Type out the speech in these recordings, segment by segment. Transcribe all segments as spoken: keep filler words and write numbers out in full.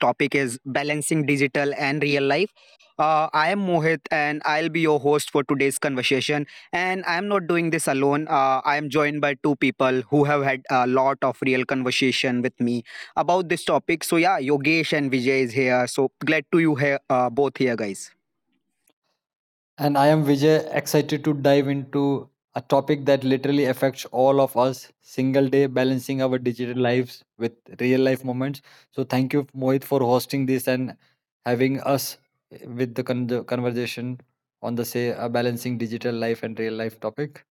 topic is balancing digital and real life. Uh, I am Mohit, and I'll be your host for today's conversation. And I'm not doing this alone. Uh, I am joined by two people who have had a lot of real conversation with me about this topic. So, yeah, Yogesh and Vijay is here. So glad to you here, uh, both here, guys. And I am Vijay, excited to dive into a topic that literally affects all of us single day, balancing our digital lives with real life moments. So, thank you, Mohit, for hosting this and having us with the con- the conversation on the say uh, balancing digital life and real life topic.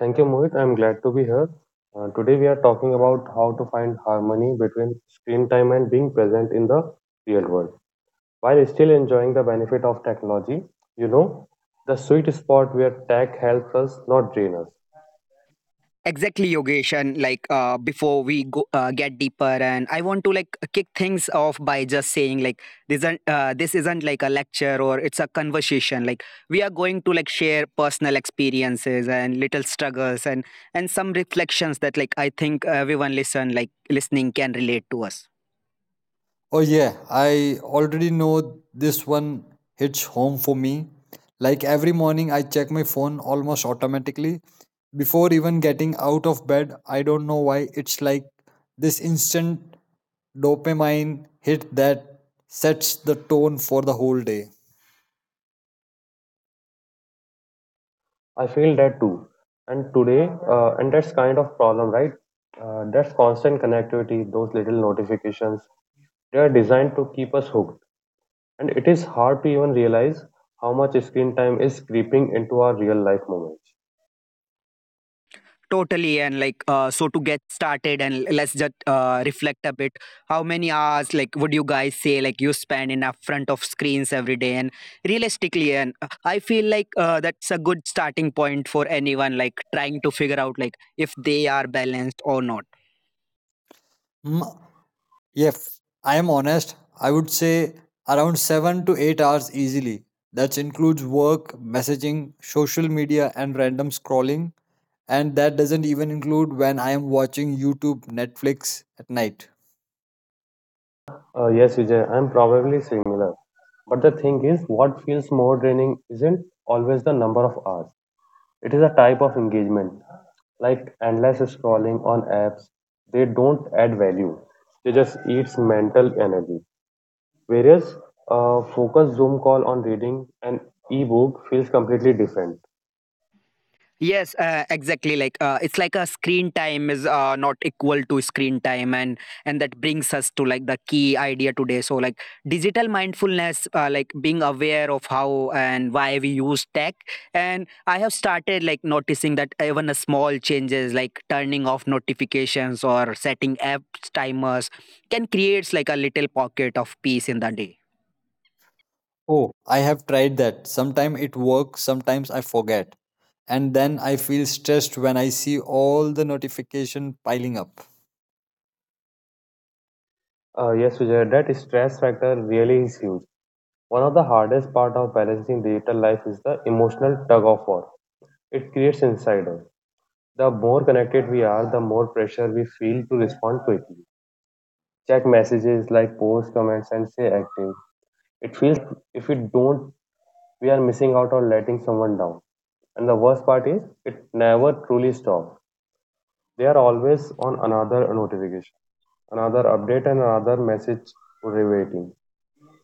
Thank you, Mohit. I'm glad to be here. Uh, today, we are talking about how to find harmony between screen time and being present in the real world while still enjoying the benefit of technology. You know, the sweet spot where tech helps us, not drain us. Exactly, Yogesh. And like uh, before we go uh, get deeper, and I want to like kick things off by just saying like this isn't uh, this isn't like a lecture or it's a conversation. Like we are going to like share personal experiences and little struggles and and some reflections that like I think everyone listen like listening can relate to us. Oh, yeah, I already know this one hits home for me. Like every morning, I check my phone almost automatically. Before even getting out of bed, I don't know why it's like this instant dopamine hit that sets the tone for the whole day. I feel that too. And today, uh, and that's kind of problem, right? Uh, that's constant connectivity, those little notifications. They are designed to keep us hooked. And it is hard to even realize how much screen time is creeping into our real life moments. Totally. And like, uh, so to get started and let's just uh, reflect a bit. How many hours, like, would you guys say, like, you spend in a front of screens every day? And realistically, and uh, I feel like uh, that's a good starting point for anyone, like, trying to figure out, like, if they are balanced or not. Mm, if I am honest, I would say around seven to eight hours easily. That includes work, messaging, social media, and random scrolling. And that doesn't even include when I am watching YouTube, Netflix at night. Uh, yes, Vijay, I'm probably similar. But the thing is, what feels more draining isn't always the number of hours. It is a type of engagement, like endless scrolling on apps. They don't add value. They just eats mental energy. Whereas a focused Zoom call on reading an ebook feels completely different. Yes, uh, exactly. Like uh, it's like a screen time is uh, not equal to screen time, and and that brings us to like the key idea today. So like digital mindfulness, uh, like being aware of how and why we use tech, and I have started like noticing that even a small changes like turning off notifications or setting apps timers can creates like a little pocket of peace in the day. Oh, I have tried that. Sometimes it works, sometimes I forget. And then I feel stressed when I see all the notification piling up. Uh, yes, Vijay, that stress factor really is huge. One of the hardest part of balancing digital life is the emotional tug of war. It creates insiders. The more connected we are, the more pressure we feel to respond quickly. Check messages like post comments and stay active. It feels like if we don't, we are missing out on letting someone down. And the worst part is, it never truly stops. They are always on another notification, another update, and another message waiting.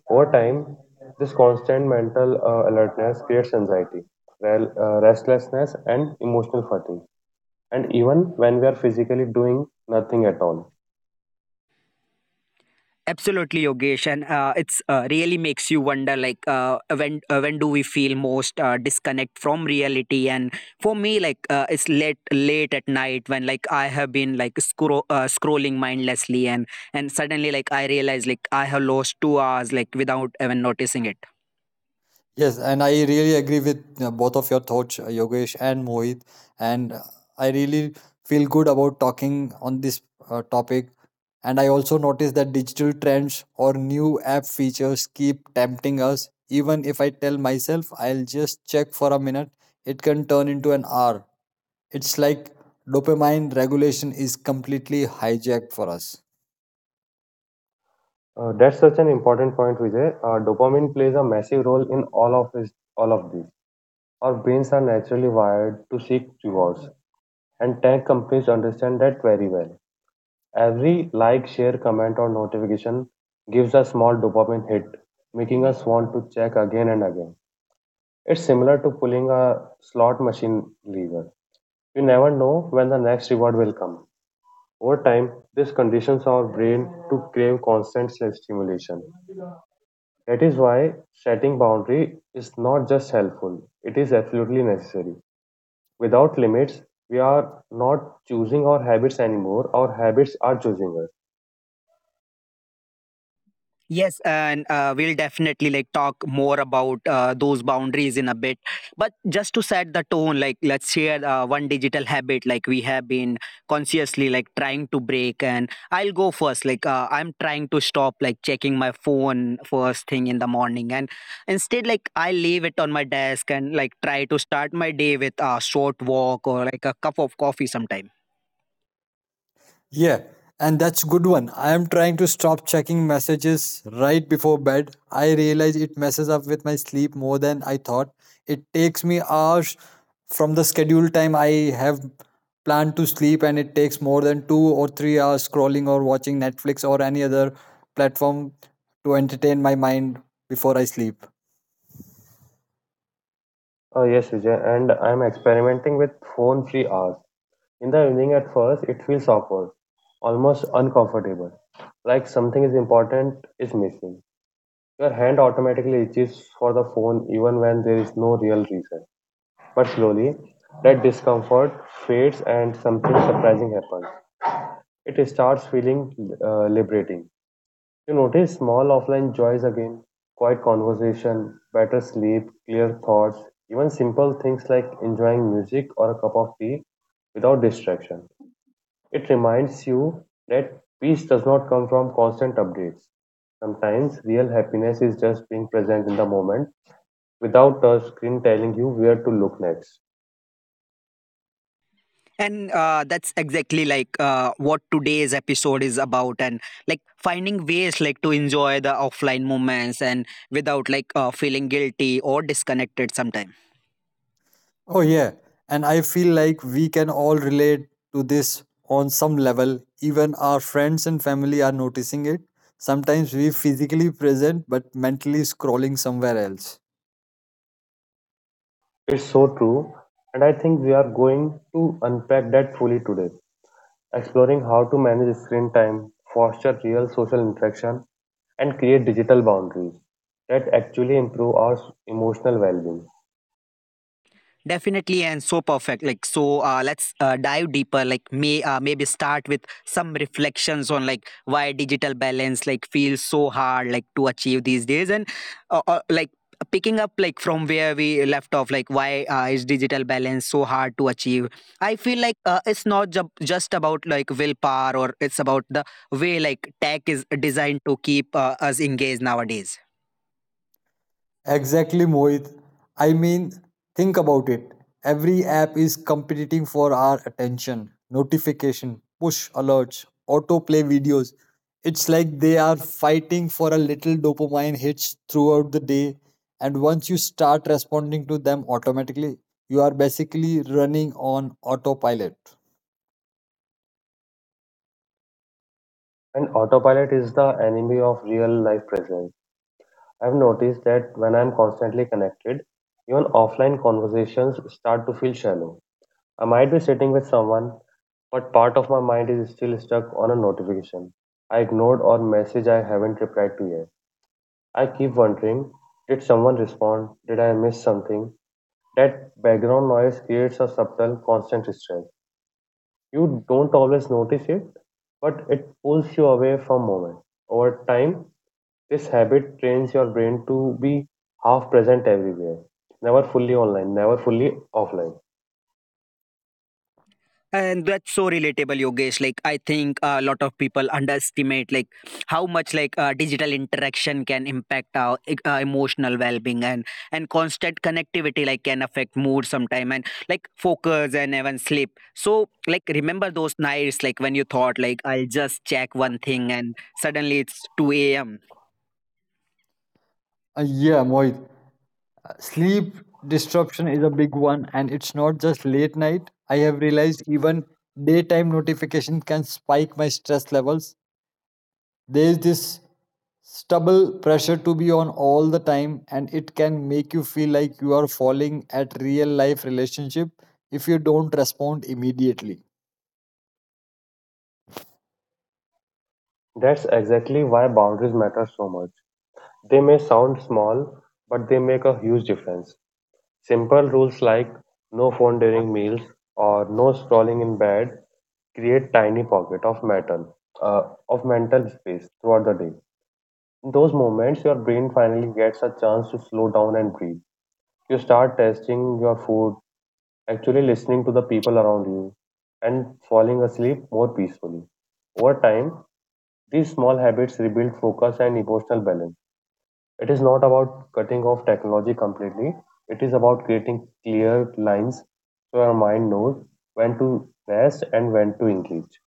Over time, this constant mental uh, alertness creates anxiety, rel- uh, restlessness, and emotional fatigue, and even when we are physically doing nothing at all. Absolutely, Yogesh, and uh, it's uh, really makes you wonder, like uh, when uh, when do we feel most uh, disconnect from reality? And for me, like uh, it's late late at night when like I have been like scro- uh, scrolling mindlessly, and and suddenly like I realize like I have lost two hours like without even noticing it. Yes, and I really agree with uh, both of your thoughts, uh, Yogesh and Mohit. And uh, I really feel good about talking on this uh, topic. And I also noticed that digital trends or new app features keep tempting us. Even if I tell myself I'll just check for a minute, it can turn into an hour. It's like dopamine regulation is completely hijacked for us. Uh, that's such an important point, Vijay. Uh, dopamine plays a massive role in all of this, all of these. Our brains are naturally wired to seek rewards, and tech companies understand that very well. Every like, share, comment, or notification gives a small dopamine hit, making us want to check again and again. It's similar to pulling a slot machine lever. You never know when the next reward will come. Over time, this conditions our brain to crave constant self stimulation. That is why setting boundary is not just helpful, it is absolutely necessary. Without limits, we are not choosing our habits anymore, our habits are choosing us. Yes, and uh, we'll definitely like talk more about uh, those boundaries in a bit. But just to set the tone, like let's share uh, one digital habit like we have been consciously like trying to break. And I'll go first. Like uh, I'm trying to stop like checking my phone first thing in the morning, and instead like I leave it on my desk and like try to start my day with a short walk or like a cup of coffee sometime. Yeah, and that's good one. I am trying to stop checking messages right before bed. I realize it messes up with my sleep more than I thought. It takes me hours from the scheduled time I have planned to sleep, and it takes more than two or three hours scrolling or watching Netflix or any other platform to entertain my mind before I sleep. Oh, yes, Vijay, and I'm experimenting with phone free hours. In the evening, at first, it feels awkward, almost uncomfortable, like something is important is missing. Your hand automatically reaches for the phone even when there is no real reason. But slowly, that discomfort fades and something surprising happens. It starts feeling uh, liberating. You notice small offline joys again quiet conversation, better sleep, clear thoughts, even simple things like enjoying music or a cup of tea without distraction. It reminds you that peace does not come from constant updates. Sometimes real happiness is just being present in the moment without a screen telling you where to look next. And uh, that's exactly like uh, what today's episode is about, and like finding ways like to enjoy the offline moments and without like uh, feeling guilty or disconnected sometimes. Oh, yeah. And I feel like we can all relate to this on some level. Even our friends and family are noticing it. Sometimes we physically present but mentally scrolling somewhere else. It's so true, and I think we are going to unpack that fully today, exploring how to manage screen time, foster real social interaction, and create digital boundaries that actually improve our s- emotional well-being. Definitely and so perfect. Like so, uh, let's uh, dive deeper. Like may uh, maybe start with some reflections on like why digital balance like feels so hard like to achieve these days, and uh, uh, like picking up like from where we left off. Like why uh, is digital balance so hard to achieve? I feel like uh, it's not ju- just about like willpower, or it's about the way like tech is designed to keep uh, us engaged nowadays. Exactly, Mohit. I mean, think about it. Every app is competing for our attention. Notification, push alerts, autoplay videos. It's like they are fighting for a little dopamine hits throughout the day. And once you start responding to them automatically, you are basically running on autopilot. And autopilot is the enemy of real-life presence. I've noticed that when I'm constantly connected, even offline conversations start to feel shallow. I might be sitting with someone, but part of my mind is still stuck on a notification I ignored or message I haven't replied to yet. I keep wondering, did someone respond? Did I miss something? That background noise creates a subtle, constant stress. You don't always notice it, but it pulls you away from moment. Over time, this habit trains your brain to be half present everywhere, never fully online, never fully offline. And that's so relatable, Yogesh. Like I think a lot of people underestimate like how much like uh, digital interaction can impact our e- uh, emotional well-being and and constant connectivity like can affect mood sometime and like focus and even sleep. So like remember those nights like when you thought like I'll just check one thing and suddenly it's two a m Uh, yeah, Mohit. Sleep disruption is a big one, and it's not just late night. I have realized even daytime notifications can spike my stress levels. There's this stubble pressure to be on all the time, and it can make you feel like you are falling at real life relationship if you don't respond immediately. That's exactly why boundaries matter so much. They may sound small, but they make a huge difference. Simple rules like no phone during meals or no scrolling in bed create tiny pocket of mental uh, of mental space throughout the day. In those moments, your brain finally gets a chance to slow down and breathe. You start tasting your food, actually listening to the people around you, and falling asleep more peacefully. Over time, these small habits rebuild focus and emotional balance. It is not about cutting off technology completely. It is about creating clear lines so our mind knows when to rest and when to engage.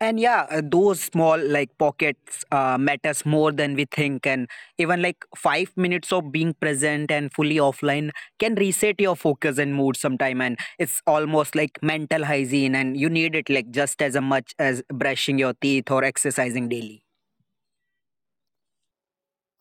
and yeah uh, those small like pockets uh, matters more than we think and even like five minutes of being present and fully offline can reset your focus and mood sometime and it's almost like mental hygiene and you need it like just as a much as brushing your teeth or exercising daily.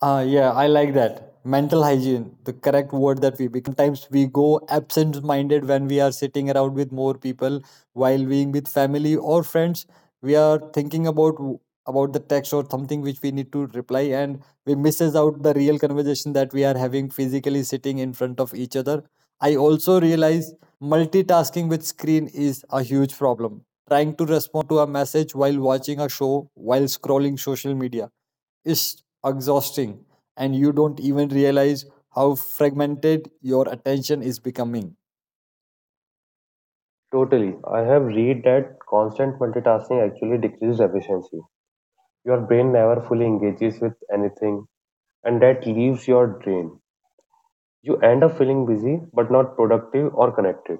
Uh, yeah, I like that. Mental hygiene, the correct word that we, because sometimes we go absent minded when we are sitting around with more people while being with family or friends. We are thinking about w- about the text or something which we need to reply and we misses out the real conversation that we are having physically sitting in front of each other. I also realize multitasking with screen is a huge problem. Trying to respond to a message while watching a show, while scrolling social media is exhausting, and you don't even realize how fragmented your attention is becoming. Totally. I have read that constant multitasking actually decreases efficiency. Your brain never fully engages with anything, and that leaves your brain. You end up feeling busy but not productive or connected.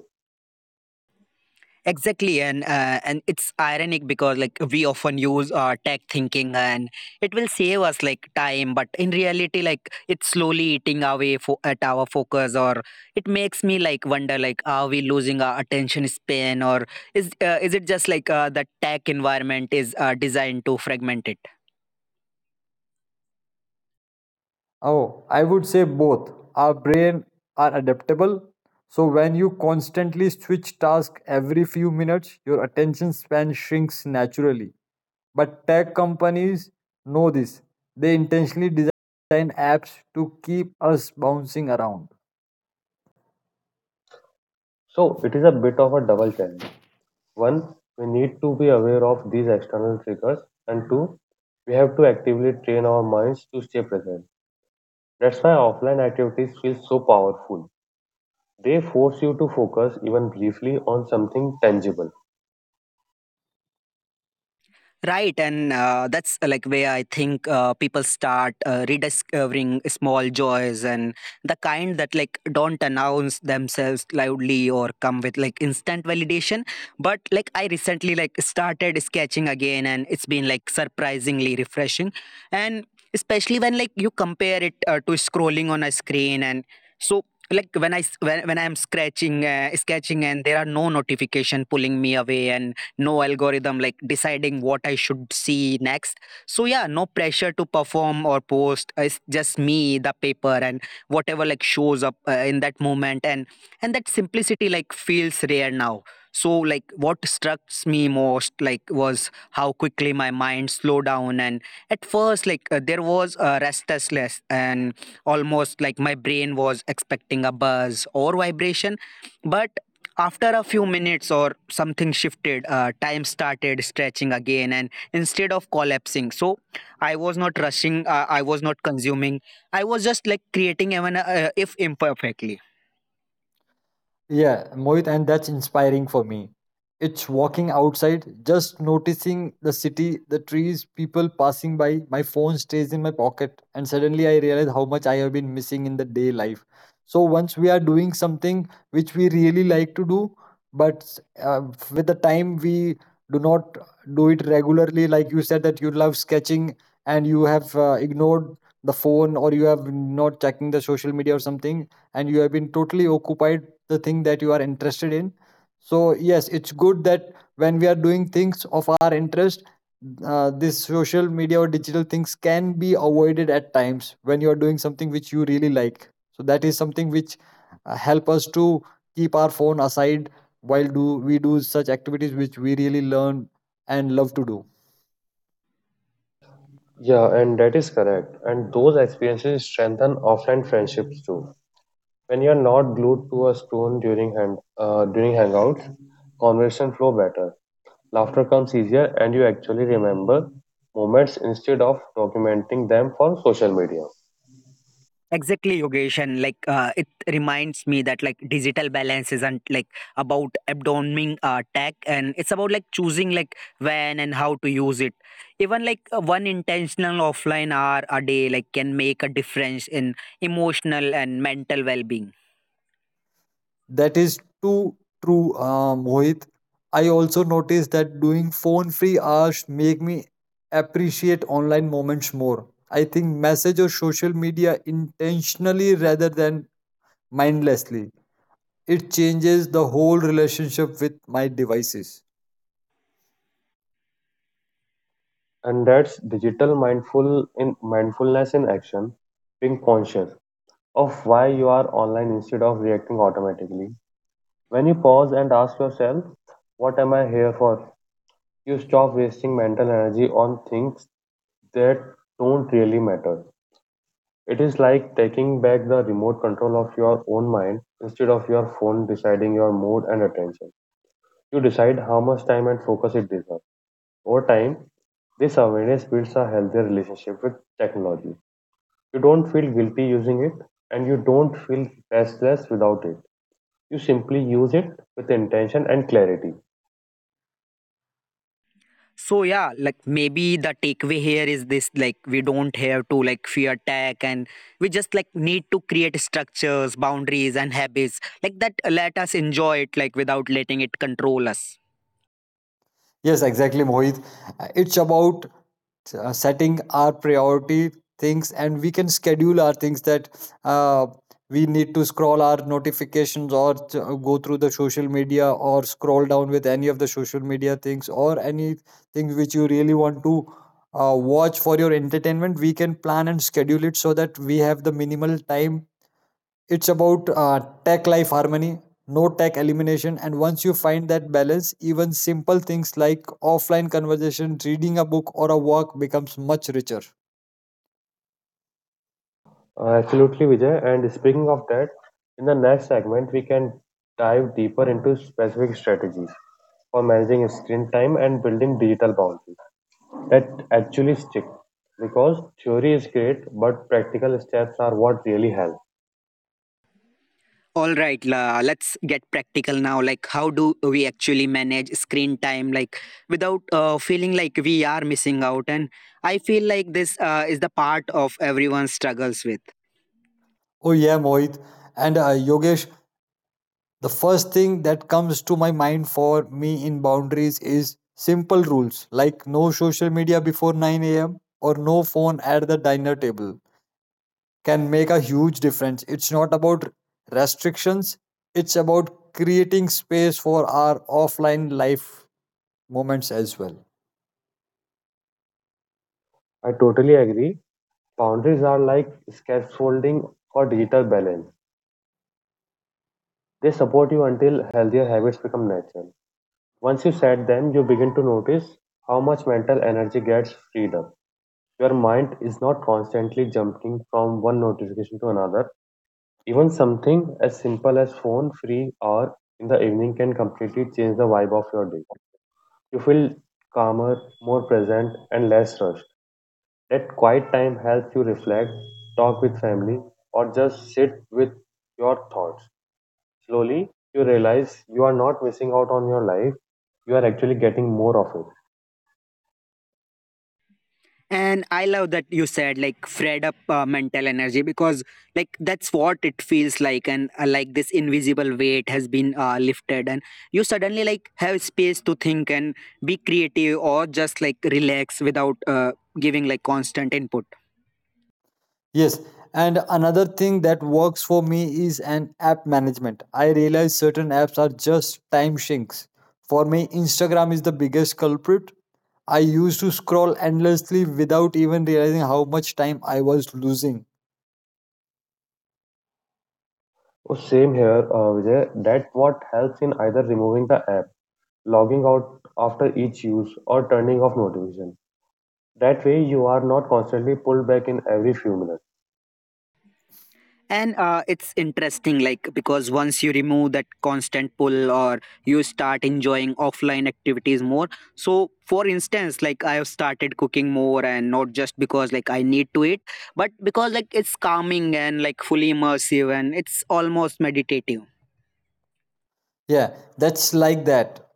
Exactly, and uh, and it's ironic because like we often use uh, tech thinking, and it will save us like time, but in reality, like it's slowly eating away fo- at our focus, or it makes me like wonder, like are we losing our attention span, or is uh, is it just like uh, the tech environment is uh, designed to fragment it? Oh, I would say both. Our brain are adaptable. So when you constantly switch tasks every few minutes, your attention span shrinks naturally. But tech companies know this. They intentionally design apps to keep us bouncing around. So it is a bit of a double challenge. One, we need to be aware of these external triggers, and two, we have to actively train our minds to stay present. That's why offline activities feel so powerful. They force you to focus even briefly on something tangible. Right, and uh, that's uh, like where I think uh, people start uh, rediscovering small joys and the kind that like don't announce themselves loudly or come with like instant validation. But like I recently like started sketching again, and it's been like surprisingly refreshing, and especially when like you compare it uh, to scrolling on a screen, and so like when I s- when when I'm scratching uh, sketching, and there are no notification pulling me away, and no algorithm like deciding what I should see next. So yeah, no pressure to perform or post. It's just me, the paper, and whatever like shows up uh, in that moment. And and that simplicity like feels rare now. So like what struck me most like was how quickly my mind slowed down and at first like uh, there was a restlessness and almost like my brain was expecting a buzz or vibration but after a few minutes or something shifted, uh, time started stretching again, and instead of collapsing, so I was not rushing, uh, I was not consuming, I was just like creating, even uh, if imperfectly. Yeah, Mohit, and that's inspiring for me. It's walking outside, just noticing the city, the trees, people passing by. My phone stays in my pocket, and suddenly I realize how much I have been missing in the day life. So once we are doing something which we really like to do, but uh, with the time we do not do it regularly. Like you said that you love sketching, and you have uh, ignored the phone, or you have not checking the social media or something, and you have been totally occupied the thing that you are interested in. So yes, it's good that when we are doing things of our interest, uh, this social media or digital things can be avoided at times when you are doing something which you really like. So that is something which uh, help us to keep our phone aside while do we do such activities which we really learn and love to do. Yeah, and that is correct. And those experiences strengthen offline friendships too. When you're not glued to a screen during hand, uh, during hangouts, conversation flow better. Laughter comes easier, and you actually remember moments instead of documenting them for social media. Exactly, Yogesh, and like uh, it reminds me that like digital balance isn't like about abdoming uh, tech, and it's about like choosing like when and how to use it. Even like uh, one intentional offline hour a day like can make a difference in emotional and mental well-being. That is too true, uh, Mohit. I also noticed that doing phone-free hours make me appreciate online moments more. I think message or social media intentionally rather than mindlessly. It changes the whole relationship with my devices. And that's digital mindful in mindfulness in action, being conscious of why you are online instead of reacting automatically. When you pause and ask yourself, "What am I here for?" you stop wasting mental energy on things that don't really matter. It is like taking back the remote control of your own mind instead of your phone deciding your mood and attention. You decide how much time and focus it deserves. Over time, this awareness builds a healthier relationship with technology. You don't feel guilty using it, and you don't feel restless without it. You simply use it with intention and clarity. So yeah, like maybe the takeaway here is this like we don't have to like fear tech and we just like need to create structures boundaries and habits like that let us enjoy it like without letting it control us. Yes, exactly, Mohit. Uh, It's about uh, setting our priority things, and we can schedule our things that uh, we need to scroll our notifications or t- uh, go through the social media or scroll down with any of the social media things or anything which you really want to uh, watch for your entertainment. We can plan and schedule it so that we have the minimal time. It's about uh, tech life harmony, no tech elimination. And once you find that balance, even simple things like offline conversation, reading a book, or a walk becomes much richer. Uh, absolutely, Vijay. And speaking of that, in the next segment, we can dive deeper into specific strategies for managing screen time and building digital boundaries that actually stick because theory is great but practical steps are what really help. All right, la, let's get practical now. Like, how do we actually manage screen time, like, without uh, feeling like we are missing out? And I feel like this uh, is the part of everyone struggles with. Oh, yeah, Mohit, and uh, Yogesh, the first thing that comes to my mind for me in boundaries is simple rules like no social media before nine a.m or no phone at the dinner table can make a huge difference. It's not about restrictions, it's about creating space for our offline life moments as well. I totally agree. Boundaries are like scaffolding for digital balance. They support you until healthier habits become natural. Once you set them, you begin to notice how much mental energy gets freed up. Your mind is not constantly jumping from one notification to another. Even something as simple as phone free hour in the evening can completely change the vibe of your day. You feel calmer, more present, and less rushed. That quiet time helps you reflect, talk with family, or just sit with your thoughts. Slowly, you realize you are not missing out on your life, you are actually getting more of it. And I love that you said like fred up uh, mental energy because like that's what it feels like and uh, like this invisible weight has been uh, lifted and you suddenly like have space to think and be creative or just like relax without uh, giving like constant input. Yes, and another thing that works for me is an app management. I realize certain apps are just time sinks. For me, Instagram is the biggest culprit. I used to scroll endlessly without even realizing how much time I was losing. Oh, same here, uh, Vijay. That what helps in either removing the app, logging out after each use, or turning off notification. That way, you are not constantly pulled back in every few minutes. And uh, it's interesting like because once you remove that constant pull or you start enjoying offline activities more so for instance like I have started cooking more and not just because like I need to eat but because like it's calming and like fully immersive and it's almost meditative. Yeah, that's like that.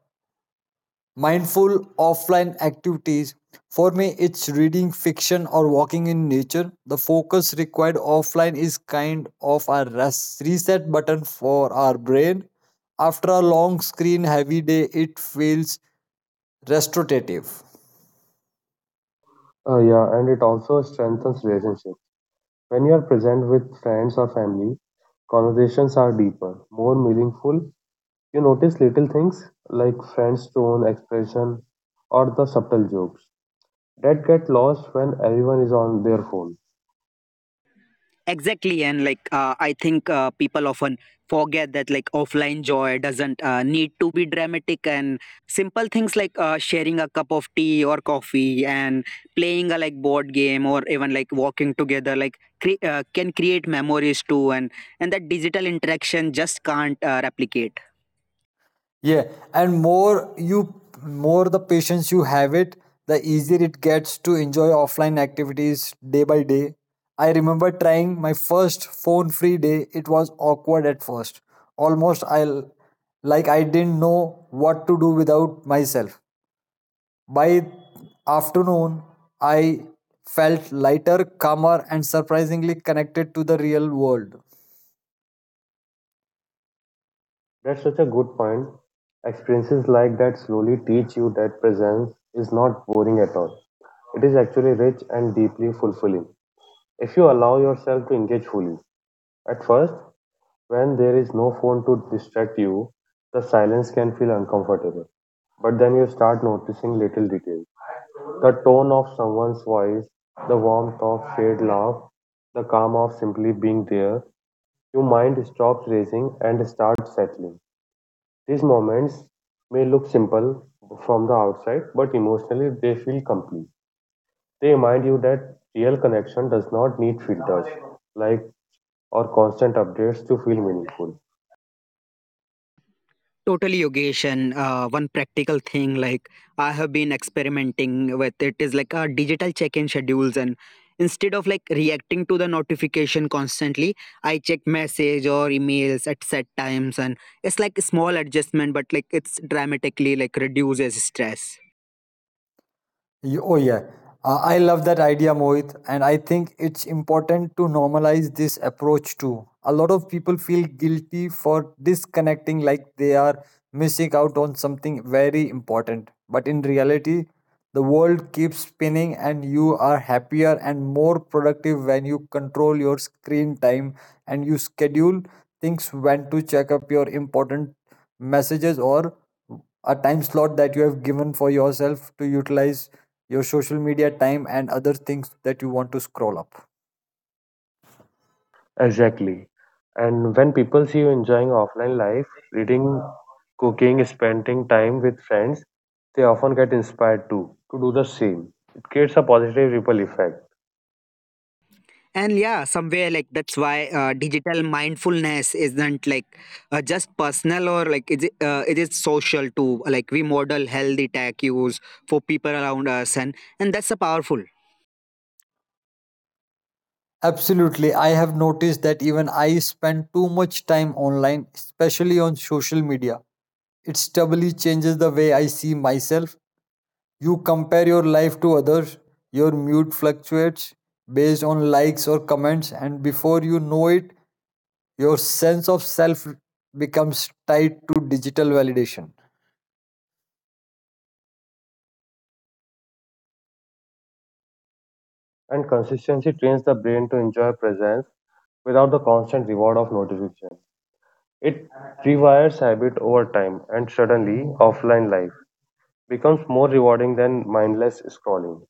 Mindful offline activities. For me, it's reading fiction or walking in nature. The focus required offline is kind of a res- reset button for our brain. After a long screen heavy day, it feels restorative. Uh, yeah, and it also strengthens relationship. When you are present with friends or family, conversations are deeper, more meaningful. You notice little things like friends' tone, expression, or the subtle jokes that get lost when everyone is on their phone. Exactly, and like uh, I think uh, people often forget that like offline joy doesn't uh, need to be dramatic, and simple things like uh, sharing a cup of tea or coffee and playing a like board game or even like walking together like cre- uh, can create memories too, and and that digital interaction just can't uh, replicate. Yeah, and more you more the patience you have it, the easier it gets to enjoy offline activities day by day. I remember trying my first phone free day. It was awkward at first. Almost I l- like I didn't know what to do without myself. By afternoon, I felt lighter, calmer and surprisingly connected to the real world. That's such a good point. Experiences like that slowly teach you that presence is not boring at all. It is actually rich and deeply fulfilling if you allow yourself to engage fully. At first, when there is no phone to distract you, the silence can feel uncomfortable. But then you start noticing little details the tone of someone's voice, the warmth of shared laugh, the calm of simply being there. Your mind stops racing and starts settling. These moments may look simple from the outside, but emotionally they feel complete. They remind you that real connection does not need filters like or constant updates to feel meaningful. Totally, Yogesh. And uh, one practical thing, like I have been experimenting with it, is like uh, digital check-in schedules. And instead of like reacting to the notification constantly, I check message or emails at set times, and it's like a small adjustment, but like it's dramatically like reduces stress. Y- Oh, yeah. Uh, I love that idea, Mohit. And I think it's important to normalize this approach too. A lot of people feel guilty for disconnecting, like they are missing out on something very important. But in reality, the world keeps spinning, and you are happier and more productive when you control your screen time and you schedule things when to check up your important messages or a time slot that you have given for yourself to utilize your social media time, and other things that you want to scroll up. Exactly. And when people see you enjoying offline life, reading, cooking, spending time with friends, they often get inspired too to do the same. It creates a positive ripple effect, And yeah somewhere like that's why uh, digital mindfulness isn't like uh, just personal or like it, i- uh, it is social too like we model healthy tech use for people around us and and that's a powerful. Absolutely. I have noticed that even I spend too much time online, especially on social media. It doubly changes the way I see myself. You compare your life to others, your mood fluctuates based on likes or comments, and before you know it, your sense of self becomes tied to digital validation. and consistency trains the brain to enjoy presence without the constant reward of notification. It rewires habit over time, and suddenly, offline life becomes more rewarding than mindless scrolling.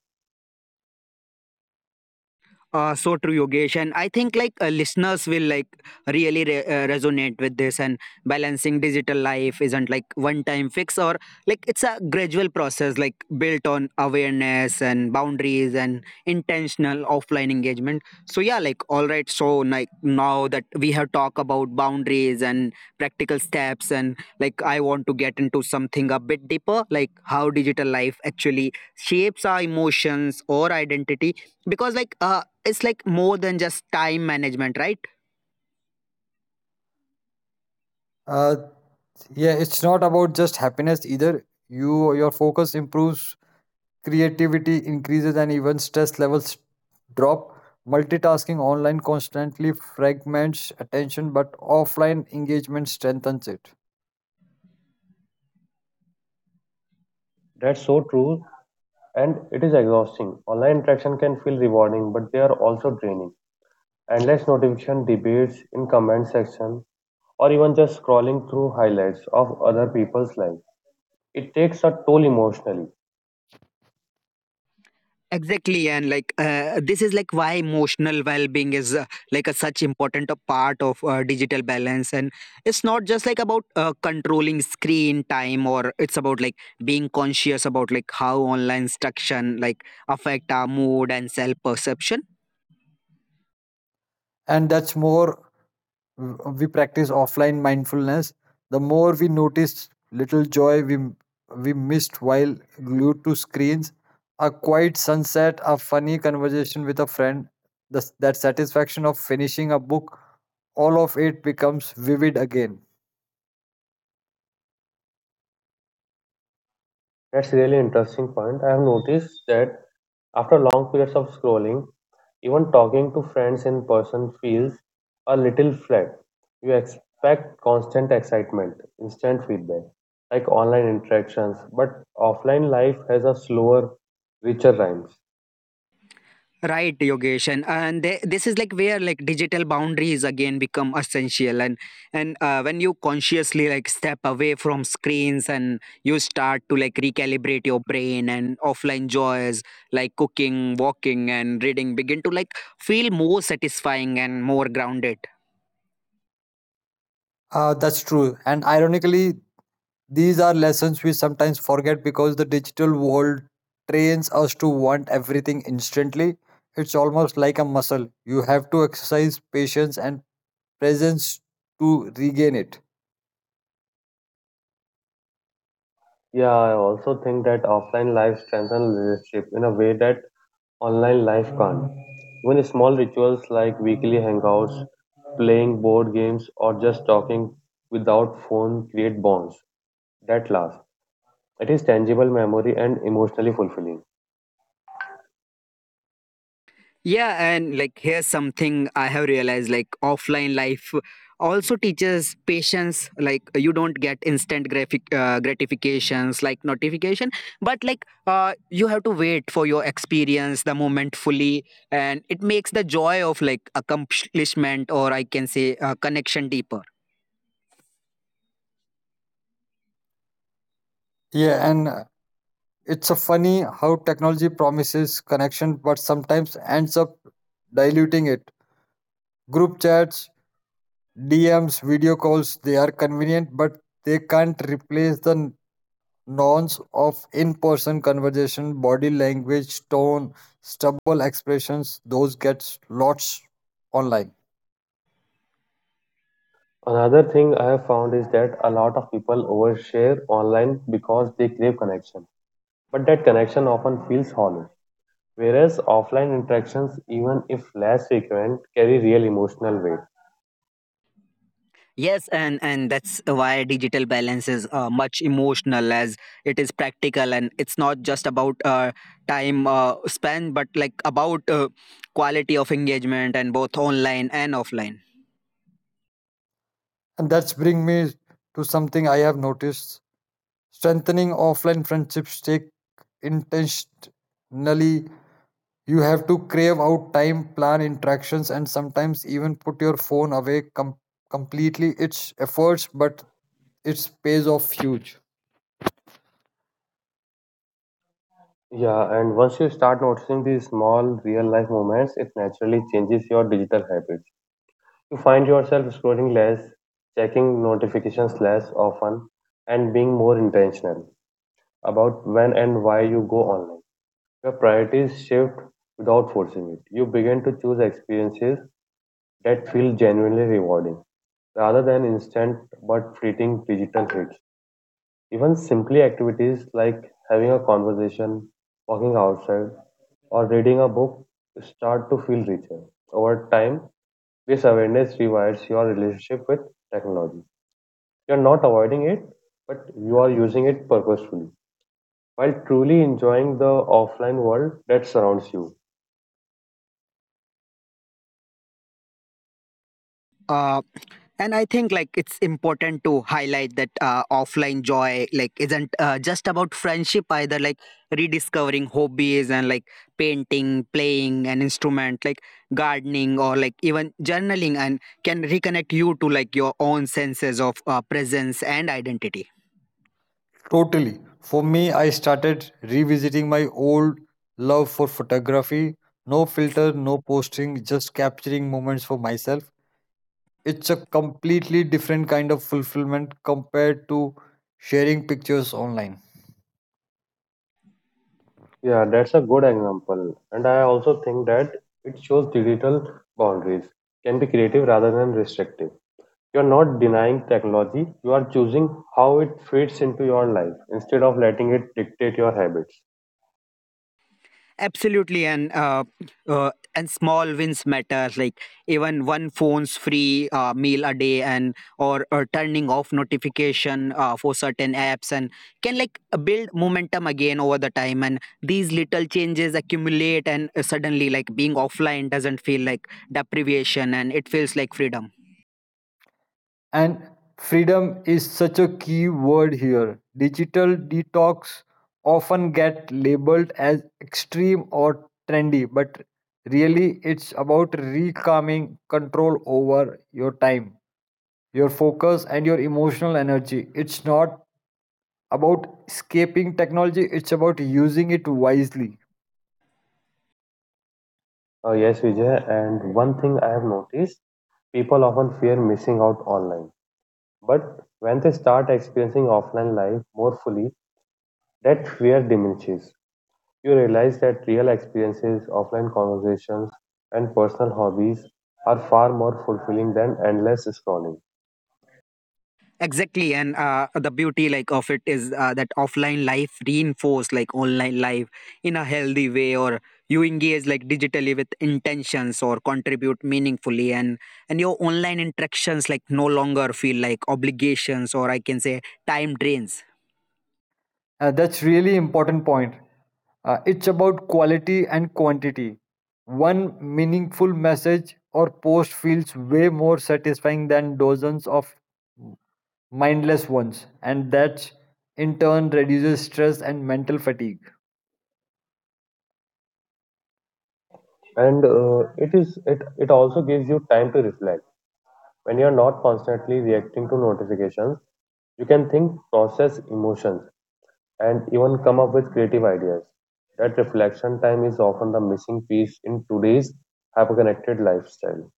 Uh, so true, Yogesh, and I think like uh, listeners will like really re- uh, resonate with this. And balancing digital life isn't like one-time fix, or like it's a gradual process, like built on awareness and boundaries and intentional offline engagement. So yeah, like all right. So like now that we have talked about boundaries and practical steps, and like I want to get into something a bit deeper, like how digital life actually shapes our emotions or identity because like uh, it's like more than just time management right Uh, yeah, it's not about just happiness either. You your focus improves, creativity increases, and even stress levels drop. Multitasking online constantly fragments attention, but offline engagement strengthens it. That's so true, and it is exhausting. Online interaction can feel rewarding, but they are also draining. Endless notification debates in comment section or even just scrolling through highlights of other people's life. It takes a toll emotionally. exactly and like uh, this is like why emotional well-being is uh, like a such important a part of uh, digital balance and it's not just like about uh, controlling screen time or it's about like being conscious about like how online instruction like affect our mood and self-perception. And that's more w- we practice offline mindfulness, the more we notice little joy we we missed while glued to screens, a quiet sunset, a funny conversation with a friend, the, s- that satisfaction of finishing a book. All of it becomes vivid again. That's really interesting point. I have noticed that after long periods of scrolling, even talking to friends in person feels a little flat. You expect constant excitement, instant feedback, like online interactions, but offline life has a slower, richer rhymes. Right, Yogesh, and and th- this is like where like digital boundaries again become essential, and and uh, when you consciously like step away from screens and you start to like recalibrate your brain and offline joys like cooking, walking, and reading begin to like feel more satisfying and more grounded. Uh, that's true. And ironically, these are lessons we sometimes forget because the digital world trains us to want everything instantly. It's almost like a muscle. You have to exercise patience and presence to regain it. Yeah, I also think that offline life strengthens relationship in a way that online life can't. Even small rituals like weekly hangouts, playing board games, or just talking without phone create bonds that last. It is tangible memory and emotionally fulfilling. Yeah, and like here's something I have realized: like offline life also teaches patience. Like you don't get instant graphic uh, gratifications like notification, but like uh, you have to wait for your experience the moment fully, and it makes the joy of like accomplishment or I can say uh, connection deeper. Yeah, and uh, it's a funny how technology promises connection but sometimes ends up diluting it. Group chats, D Ms, video calls, they are convenient but they can't replace the n- nuance of in-person conversation, body language, tone, stubble expressions, those gets lots online. Another thing I have found is that a lot of people overshare online because they crave connection, but that connection often feels hollow. Whereas offline interactions, even if less frequent, carry real emotional weight. Yes, and and that's why digital balance is uh, much emotional as it is practical, and it's not just about uh, time uh, span, but like about uh, quality of engagement and both online and offline. And that's bring me to something I have noticed. Strengthening offline friendships take intentionally. You have to crave out time, plan interactions, and sometimes even put your phone away com- completely. It's efforts, but its pays off huge. Yeah, and once you start noticing these small real life moments, it naturally changes your digital habits. You find yourself scrolling less, checking notifications less often, and being more intentional about when and why you go online. Your priorities shift without forcing it. You begin to choose experiences that feel genuinely rewarding rather than instant but fleeting digital hits. Even simply activities like having a conversation, walking outside, or reading a book start to feel richer. Over time, this awareness rewires your relationship with technology. You're not avoiding it, but you are using it purposefully while truly enjoying the offline world that surrounds you. uh, and I think like it's important to highlight that uh, offline joy like isn't uh, just about friendship either, like rediscovering hobbies and like painting, playing an instrument, like gardening, or like even journaling, and can reconnect you to like your own senses of uh, presence and identity. Totally. For me, I started revisiting my old love for photography. No filter, no posting, just capturing moments for myself. It's a completely different kind of fulfillment compared to sharing pictures online. Yeah, that's a good example. And I also think that it shows digital boundaries can be creative rather than restrictive. You're not denying technology, you are choosing how it fits into your life instead of letting it dictate your habits. Absolutely, and uh, uh, and small wins matter. Like even one phone's free uh, meal a day, and or, or turning off notification uh, for certain apps, and can like uh, build momentum again over the time. And these little changes accumulate, and uh, suddenly like being offline doesn't feel like deprivation, and it feels like freedom. And freedom is such a key word here. Digital detox often get labeled as extreme or trendy, but really it's about reclaiming control over your time, your focus and your emotional energy. It's not about escaping technology, it's about using it wisely. Uh, yes, Vijay, and one thing I have noticed people often fear missing out online. But when they start experiencing offline life more fully, that fear diminishes. You realize that real experiences, offline conversations, and personal hobbies are far more fulfilling than endless scrolling. Exactly, and uh, the beauty like of it is uh, that offline life reinforce like online life in a healthy way, or you engage like digitally with intentions or contribute meaningfully, and and your online interactions like no longer feel like obligations or I can say time drains. Uh, that's really important point. Uh, it's about quality and quantity. One meaningful message or post feels way more satisfying than dozens of mindless ones, and that in turn reduces stress and mental fatigue. And uh, it is it, it also gives you time to reflect. When you are not constantly reacting to notifications, you can think, process emotions, and even come up with creative ideas. That reflection time is often the missing piece in today's hyper-connected lifestyle.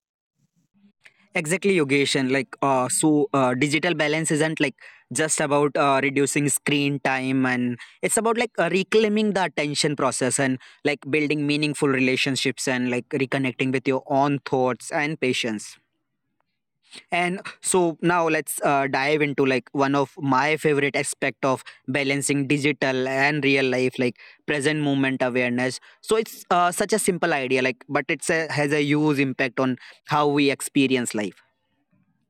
Exactly, Yogesh, and like uh, so, uh, digital balance isn't like just about uh, reducing screen time, and it's about like uh, reclaiming the attention process and like building meaningful relationships and like reconnecting with your own thoughts and patience. And so now let's uh, dive into like one of my favorite aspect of balancing digital and real life, like present moment awareness. So it's uh, such a simple idea, like, but it's a, has a huge impact on how we experience life.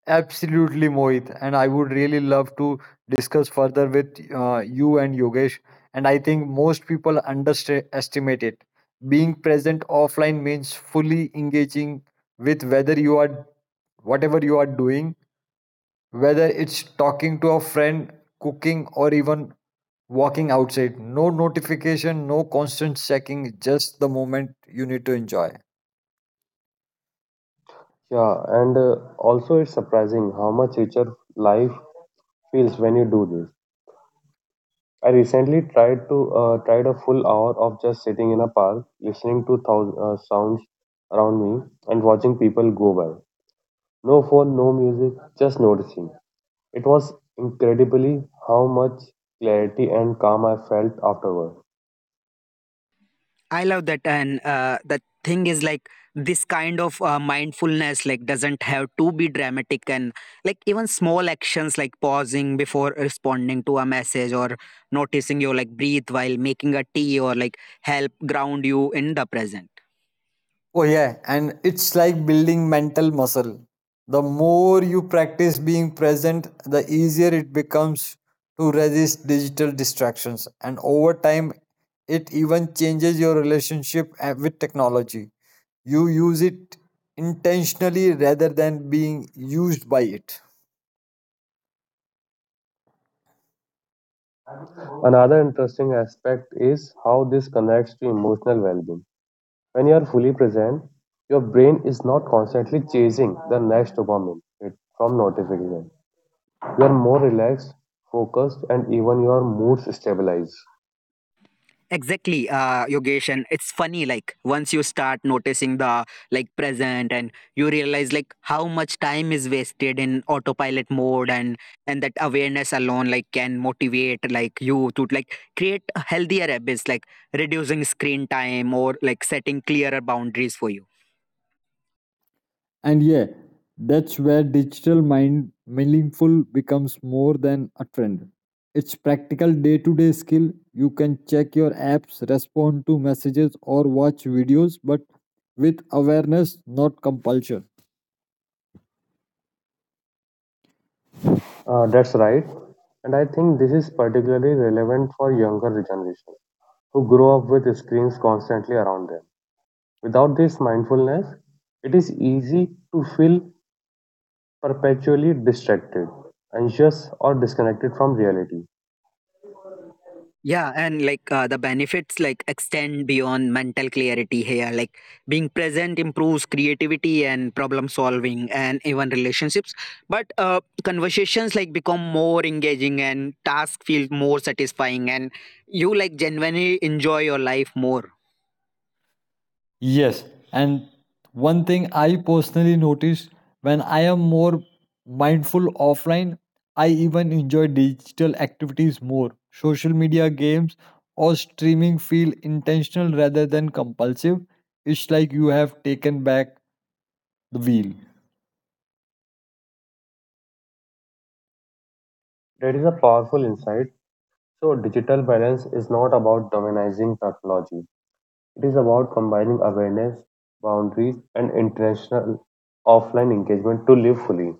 Absolutely, Mohit. And I would really love to discuss further with uh, you and Yogesh. And I think most people underestimate it. Being present offline means fully engaging with whether you are whatever you are doing, whether it's talking to a friend, cooking, or even walking outside. No notification, no constant checking, just the moment you need to enjoy. Yeah, and uh, also it's surprising how much richer life feels when you do this. I recently tried to uh, tried a full hour of just sitting in a park, listening to thou- uh, sounds around me and watching people go by. No phone, no music, just noticing. It was incredibly how much clarity and calm I felt afterward. I love that, and uh, the thing is like this kind of uh, mindfulness like doesn't have to be dramatic, and like even small actions like pausing before responding to a message or noticing your like breathe while making a tea or like help ground you in the present. Oh yeah, and it's like building mental muscle. The more you practice being present, the easier it becomes to resist digital distractions. And over time, it even changes your relationship uh, with technology. You use it intentionally rather than being used by it. Another interesting aspect is how this connects to emotional well being. When you are fully present, your brain is not constantly chasing the next dopamine hit from notification. You are more relaxed, focused, and even your moods stabilize. Exactly, uh, Yogesh, and it's funny. Like once you start noticing the like present, and you realize like how much time is wasted in autopilot mode, and and that awareness alone like can motivate like you to like create healthier habits, like reducing screen time or like setting clearer boundaries for you. And yeah, that's where digital mind meaningful becomes more than a trend. It's practical day-to-day skill. You can check your apps, respond to messages or watch videos, but with awareness, not compulsion. Uh, that's right. And I think this is particularly relevant for younger generation who grow up with screens constantly around them. Without this mindfulness, it is easy to feel perpetually distracted, anxious, or disconnected from reality. Yeah, and like uh, the benefits like extend beyond mental clarity here. Like being present improves creativity and problem solving and even relationships. But uh, conversations like become more engaging and tasks feel more satisfying and you like genuinely enjoy your life more. Yes, and one thing I personally noticed, when I am more mindful offline, I even enjoy digital activities more. Social media, games, or streaming feel intentional rather than compulsive. It's like you have taken back the wheel. That is a powerful insight. So, digital balance is not about dominizing technology, it is about combining awareness, boundaries, and intentional offline engagement to live fully.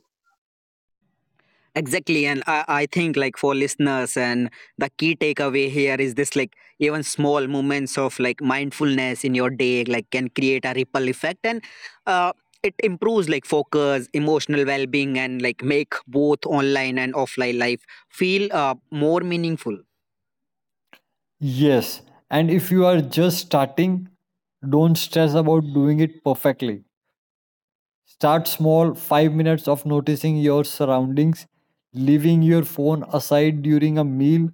Exactly, and I, I think like for listeners, and the key takeaway here is this: like even small moments of like mindfulness in your day, like can create a ripple effect, and uh, it improves like focus, emotional well-being, and like make both online and offline life feel uh, more meaningful. Yes, and if you are just starting, don't stress about doing it perfectly. Start small, five minutes of noticing your surroundings, leaving your phone aside during a meal,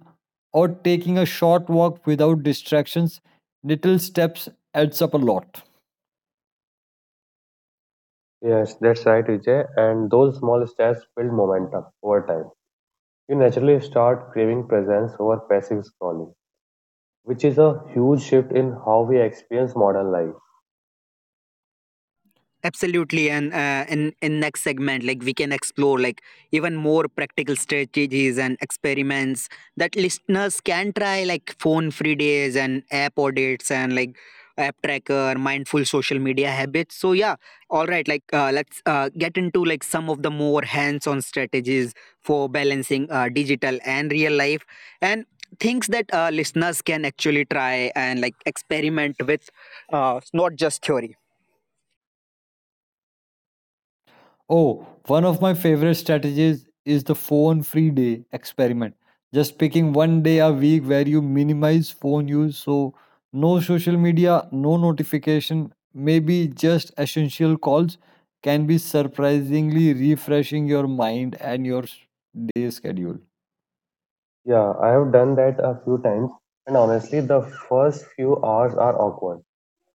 or taking a short walk without distractions. Little steps adds up a lot. Yes, that's right, Vijay. And those small steps build momentum over time. You naturally start craving presence over passive scrolling, which is a huge shift in how we experience modern life. Absolutely, and uh, in in next segment like we can explore like even more practical strategies and experiments that listeners can try, like phone free days and app audits and like app tracker mindful social media habits. So yeah, all right, like uh, let's uh, get into like some of the more hands on strategies for balancing uh, digital and real life and things that uh, listeners can actually try and like experiment with, uh, not just theory. Oh, one of my favorite strategies is the phone free day experiment. Just picking one day a week where you minimize phone use, so no social media, no notification, maybe just essential calls, can be surprisingly refreshing your mind and your s- day schedule. Yeah, I have done that a few times, and honestly, the first few hours are awkward.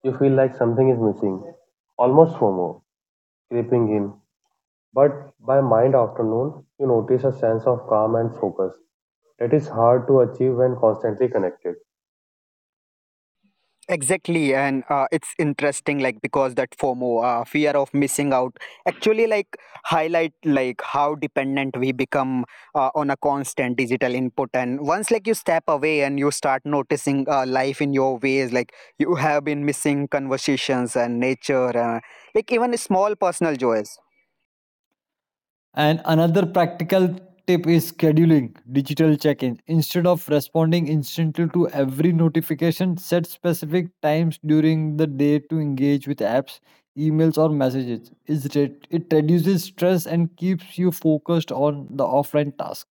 You feel like something is missing, almost FOMO creeping in. But by mind afternoon, you notice a sense of calm and focus that is hard to achieve when constantly connected. Exactly, and uh, it's interesting, like because that FOMO, uh, fear of missing out, actually like highlight like how dependent we become uh, on a constant digital input. And once like you step away and you start noticing uh, life in your ways, like you have been missing conversations and nature, uh, like even small personal joys. And another practical tip is scheduling digital check in. Instead of responding instantly to every notification, set specific times during the day to engage with apps, emails, or messages. It's re- It reduces stress and keeps you focused on the offline task.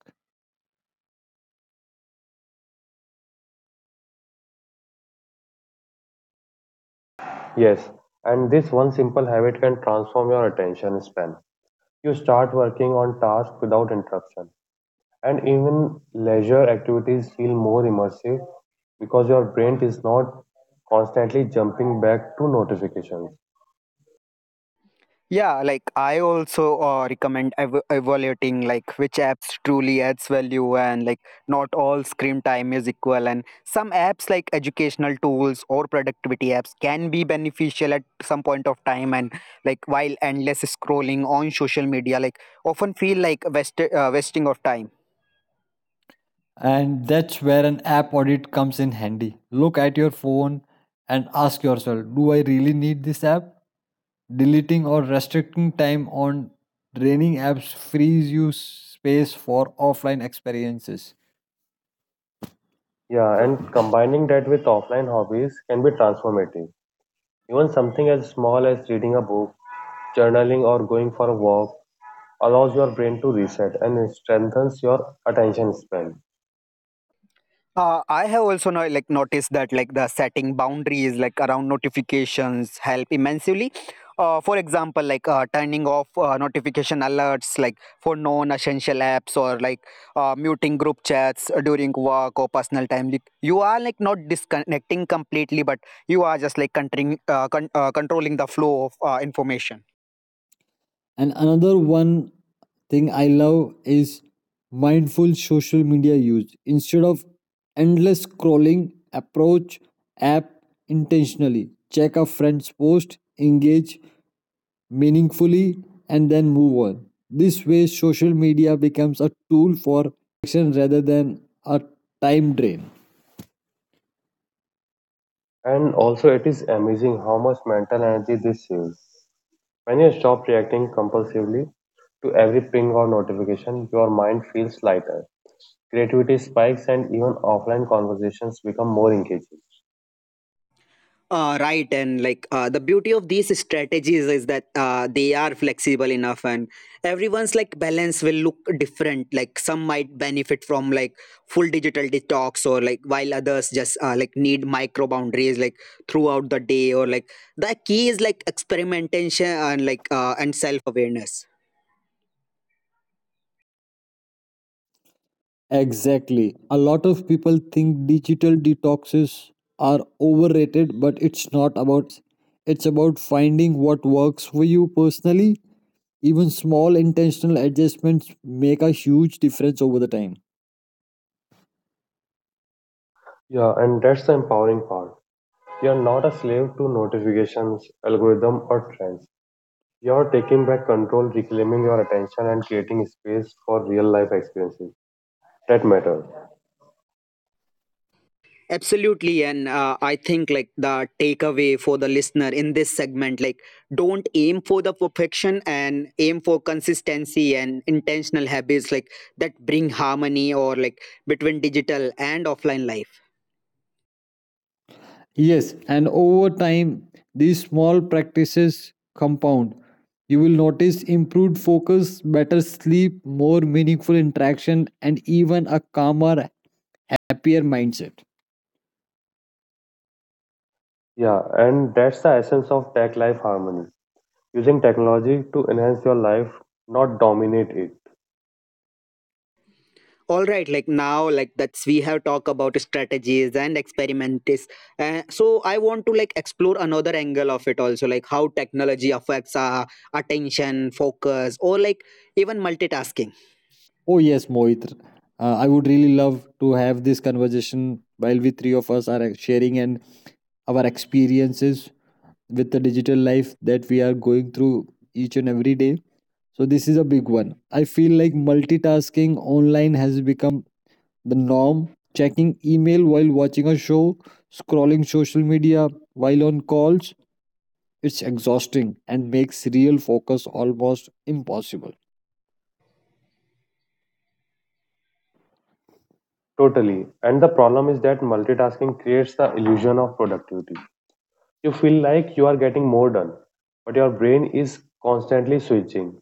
Yes, and this one simple habit can transform your attention span. You start working on tasks without interruption. And even leisure activities feel more immersive because your brain is not constantly jumping back to notifications. Yeah, like I also uh, recommend ev- evaluating like which apps truly adds value, and like not all screen time is equal, and some apps like educational tools or productivity apps can be beneficial at some point of time, and like while endless scrolling on social media like often feel like wast- uh, wasting of time. And that's where an app audit comes in handy. Look at your phone and ask yourself, do I really need this app? Deleting or restricting time on draining apps frees you space for offline experiences. Yeah, and combining that with offline hobbies can be transformative. Even something as small as reading a book, journaling, or going for a walk allows your brain to reset and it strengthens your attention span. Uh, I have also now like noticed that like the setting boundaries like around notifications help immensely. Uh, for example, like uh, turning off uh, notification alerts like for non-essential apps or like uh, muting group chats during work or personal time. Like, you are like not disconnecting completely, but you are just like contring, uh, con- uh, controlling the flow of uh, information. And another one thing I love is mindful social media use. Instead of endless scrolling, approach app intentionally. Check a friend's post, engage meaningfully, and then move on. This way, social media becomes a tool for connection rather than a time drain. And also, it is amazing how much mental energy this saves. When you stop reacting compulsively to every ping or notification, your mind feels lighter. Creativity spikes and even offline conversations become more engaging. Uh, right, and like uh, the beauty of these strategies is that uh, they are flexible enough, and everyone's like balance will look different. Like some might benefit from like full digital detox, or like while others just uh, like need micro boundaries like throughout the day, or like the key is like experimentation and like uh, and self awareness. Exactly. A lot of people think digital detoxes are overrated, but it's not about extremes. It's about finding what works for you personally. Even small intentional adjustments make a huge difference over the time. Yeah, and that's the empowering part. You're not a slave to notifications, algorithm, or trends. You're taking back control, reclaiming your attention, and creating space for real life experiences that matter. Absolutely. And uh, I think like the takeaway for the listener in this segment, like don't aim for the perfection and aim for consistency and intentional habits like that bring harmony or like between digital and offline life. Yes, and over time, these small practices compound. You will notice improved focus, better sleep, more meaningful interaction, and even a calmer, happier mindset. Yeah, and that's the essence of tech life harmony. Using technology to enhance your life, not dominate it. All right, like now, like that's we have talked about strategies and experiments. Uh, so I want to like explore another angle of it also, like how technology affects our attention, focus, or like even multitasking. Oh yes, Mohit. Uh, I would really love to have this conversation while we three of us are uh, sharing and our experiences with the digital life that we are going through each and every day. So this is a big one. I feel like multitasking online has become the norm. Checking email while watching a show, scrolling social media while on calls, it's exhausting and makes real focus almost impossible. Totally. And the problem is that multitasking creates the illusion of productivity. You feel like you are getting more done, but your brain is constantly switching,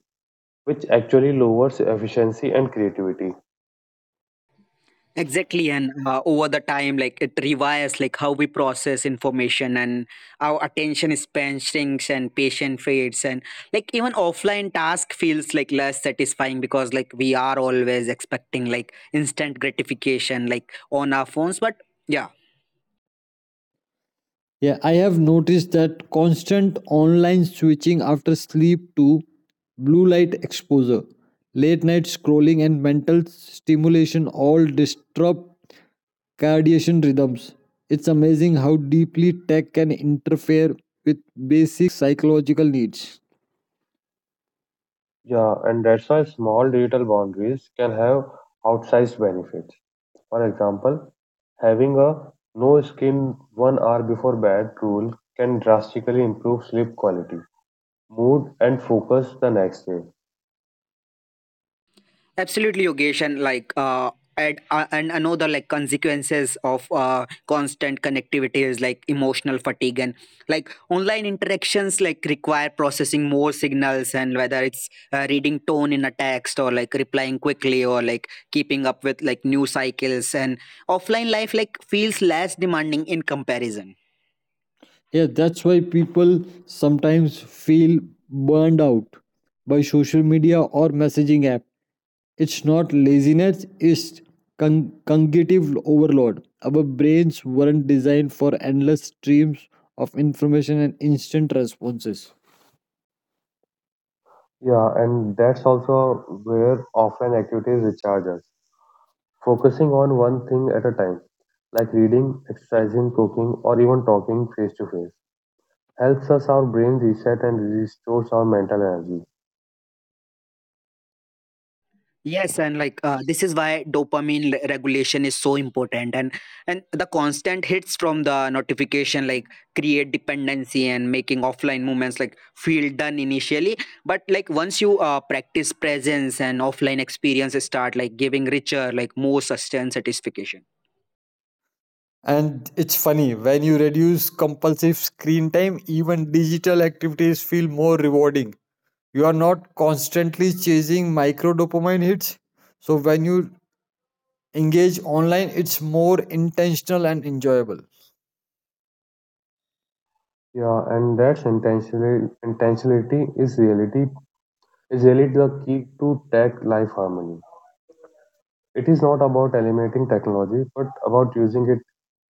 which actually lowers efficiency and creativity. Exactly, and uh, over the time, like it rewires like how we process information and our attention span shrinks and patience fades, and like even offline task feels like less satisfying because like we are always expecting like instant gratification like on our phones. But yeah, Yeah, I have noticed that constant online switching after sleep to blue light exposure, late night scrolling, and mental stimulation all disrupt circadian rhythms. It's amazing how deeply tech can interfere with basic psychological needs. Yeah, and that's why small digital boundaries can have outsized benefits. For example, having a no screen one hour before bed rule can drastically improve sleep quality, mood, and focus the next day. absolutely, Yogesh, and like uh, and uh, and another like consequences of uh, constant connectivity is like emotional fatigue, and like online interactions like require processing more signals, and whether it's uh, reading tone in a text or like replying quickly or like keeping up with like new cycles, and offline life like feels less demanding in comparison. Yeah, that's why people sometimes feel burned out by social media or messaging app. It's not laziness, it's con- cognitive overload. Our brains weren't designed for endless streams of information and instant responses. Yeah, and that's also where offline activities recharge us. Focusing on one thing at a time, like reading, exercising, cooking, or even talking face to face, helps us our brain reset and restores our mental energy. Yes, and like uh, this is why dopamine le- regulation is so important, and and the constant hits from the notification like create dependency, and making offline movements like feel done initially, but like once you uh, practice presence and offline experiences start like giving richer, like more sustained satisfaction. And it's funny, when you reduce compulsive screen time, even digital activities feel more rewarding. You are not constantly chasing micro dopamine hits. So when you engage online, it's more intentional and enjoyable. Yeah, and that's intentionally intentionality is reality is really the key to tech life harmony. It is not about eliminating technology, but about using it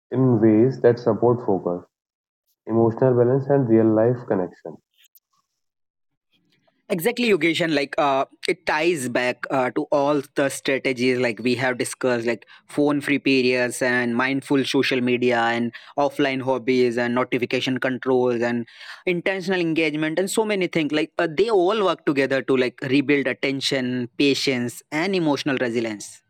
in ways that support focus, emotional balance, and real life connection. Exactly, Yogesh, and like uh, it ties back uh, to all the strategies like we have discussed, like phone-free periods and mindful social media and offline hobbies and notification controls and intentional engagement and so many things. Like uh, they all work together to like rebuild attention, patience, and emotional resilience.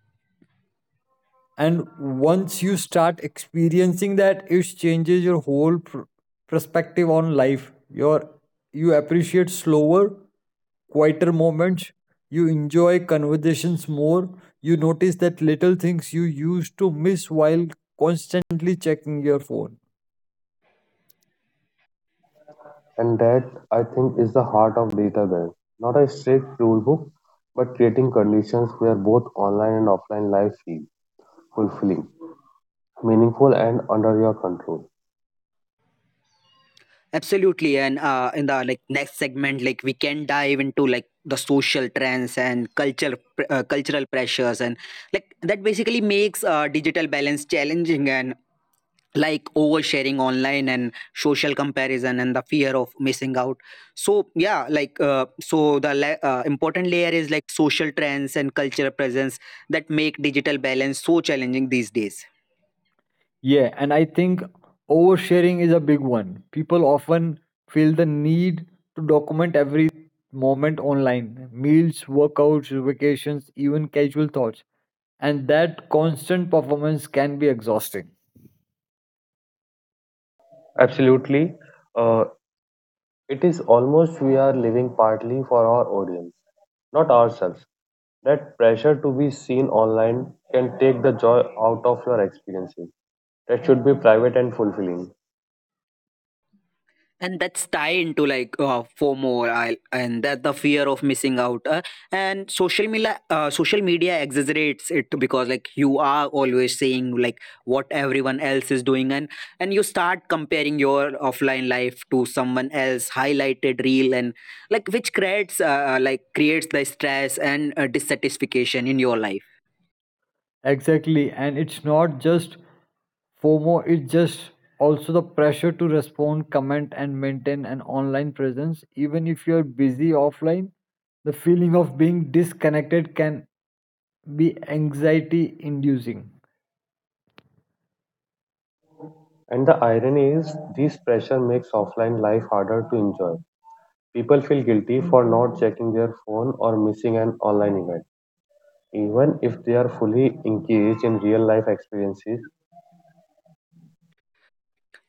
And once you start experiencing that, it changes your whole pr- perspective on life. Your you appreciate slower, quieter moments. You enjoy conversations more. You notice that little things you used to miss while constantly checking your phone. And that, I think, is the heart of digital bank. Not a strict rule book, but creating conditions where both online and offline life feel fulfilling, meaningful, and under your control. Absolutely, and uh, in the like next segment, like we can dive into like the social trends and culture pr- uh, cultural pressures, and like that basically makes uh, digital balance challenging, and like oversharing online and social comparison and the fear of missing out. So yeah, like uh, so the la- uh, important layer is like social trends and cultural presence that make digital balance so challenging these days. Yeah, and I think oversharing is a big one. People often feel the need to document every moment online, meals, workouts, vacations, even casual thoughts. And that constant performance can be exhausting. Absolutely. Uh, it is almost we are living partly for our audience, not ourselves. That pressure to be seen online can take the joy out of your experiences. That should be private and fulfilling. And that's tied into like uh, FOMO I, and that the fear of missing out, uh, and social media, uh, social media exaggerates it because like you are always saying like what everyone else is doing, and and you start comparing your offline life to someone else highlighted reel, and like which creates uh, like creates the stress and uh, dissatisfaction in your life. Exactly, and it's not just FOMO, it's just also the pressure to respond, comment, and maintain an online presence. Even if you're busy offline, the feeling of being disconnected can be anxiety inducing. And the irony is, this pressure makes offline life harder to enjoy. People feel guilty for not checking their phone or missing an online event, even if they are fully engaged in real life experiences.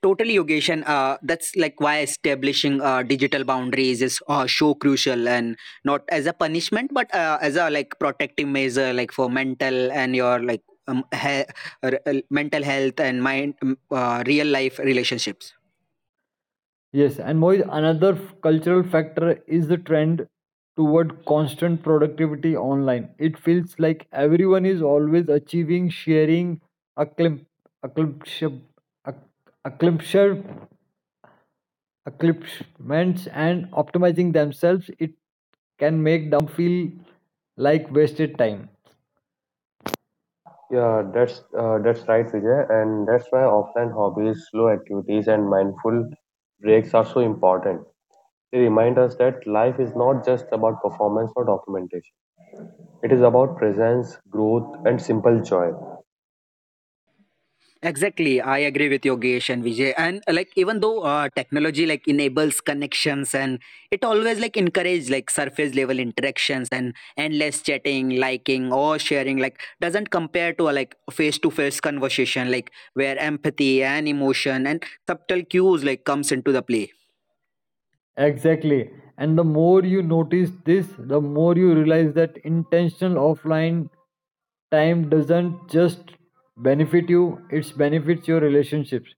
Totally, Yogesh, and uh, that's like why establishing uh, digital boundaries is uh, so crucial, and not as a punishment, but uh, as a like protective measure, like for mental and your like um, he- r- uh, mental health and mind, um, uh, real life relationships. Yes, and Mohit, another f- cultural factor is the trend toward constant productivity online. It feels like everyone is always achieving, sharing, acclim- acclimship- acc- acclimshire- accomplishments, and optimizing themselves. It can make down feel like wasted time. Yeah, that's uh, that's right, Vijay, and that's why offline hobbies, slow activities, and mindful breaks are so important. They remind us that life is not just about performance or documentation. It is about presence, growth, and simple joy. Exactly, I agree with Yogesh and Vijay. And uh, like even though uh, technology like enables connections, and it always like encourage like surface level interactions, and endless chatting, liking or sharing like doesn't compare to a like face to face conversation like where empathy and emotion and subtle cues like comes into the play. Exactly. And the more you notice this, the more you realize that intentional offline time doesn't just benefit you, it benefits your relationships.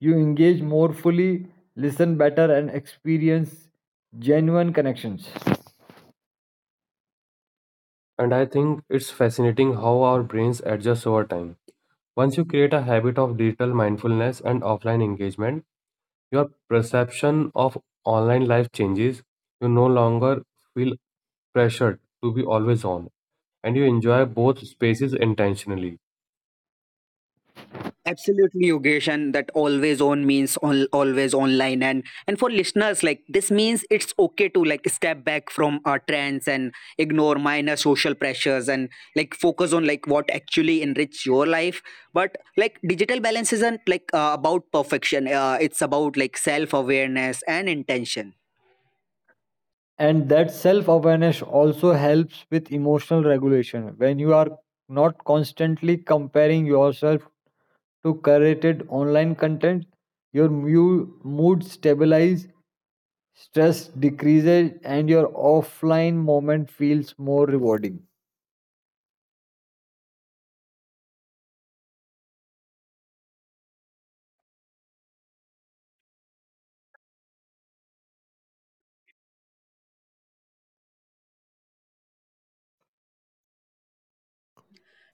You engage more fully, listen better, and experience genuine connections. And I think it's fascinating how our brains adjust over time. Once you create a habit of digital mindfulness and offline engagement, your perception of online life changes. You no longer feel pressured to be always on, and you enjoy both spaces intentionally. Absolutely, Yogesh, and that always on means on, always online. And and for listeners, like this means it's okay to like step back from our trends and ignore minor social pressures and like focus on like what actually enrich your life. But like digital balance isn't like uh, about perfection. Uh, it's about like self awareness and intention. And that self awareness also helps with emotional regulation. When you are not constantly comparing yourself to curated online content, your mu- mood stabilize, stress decreases, and your offline moment feels more rewarding.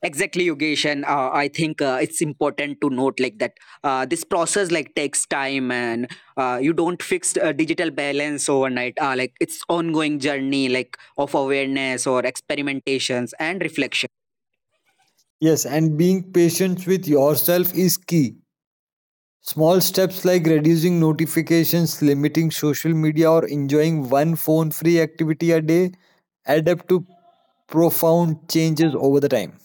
Exactly, Yogesh, and uh, I think uh, it's important to note like that uh, this process like takes time, and uh, you don't fix uh, digital balance overnight. Uh, like it's ongoing journey like of awareness or experimentations and reflection. Yes, and being patient with yourself is key. Small steps like reducing notifications, limiting social media, or enjoying one phone free activity a day add up to profound changes over the time.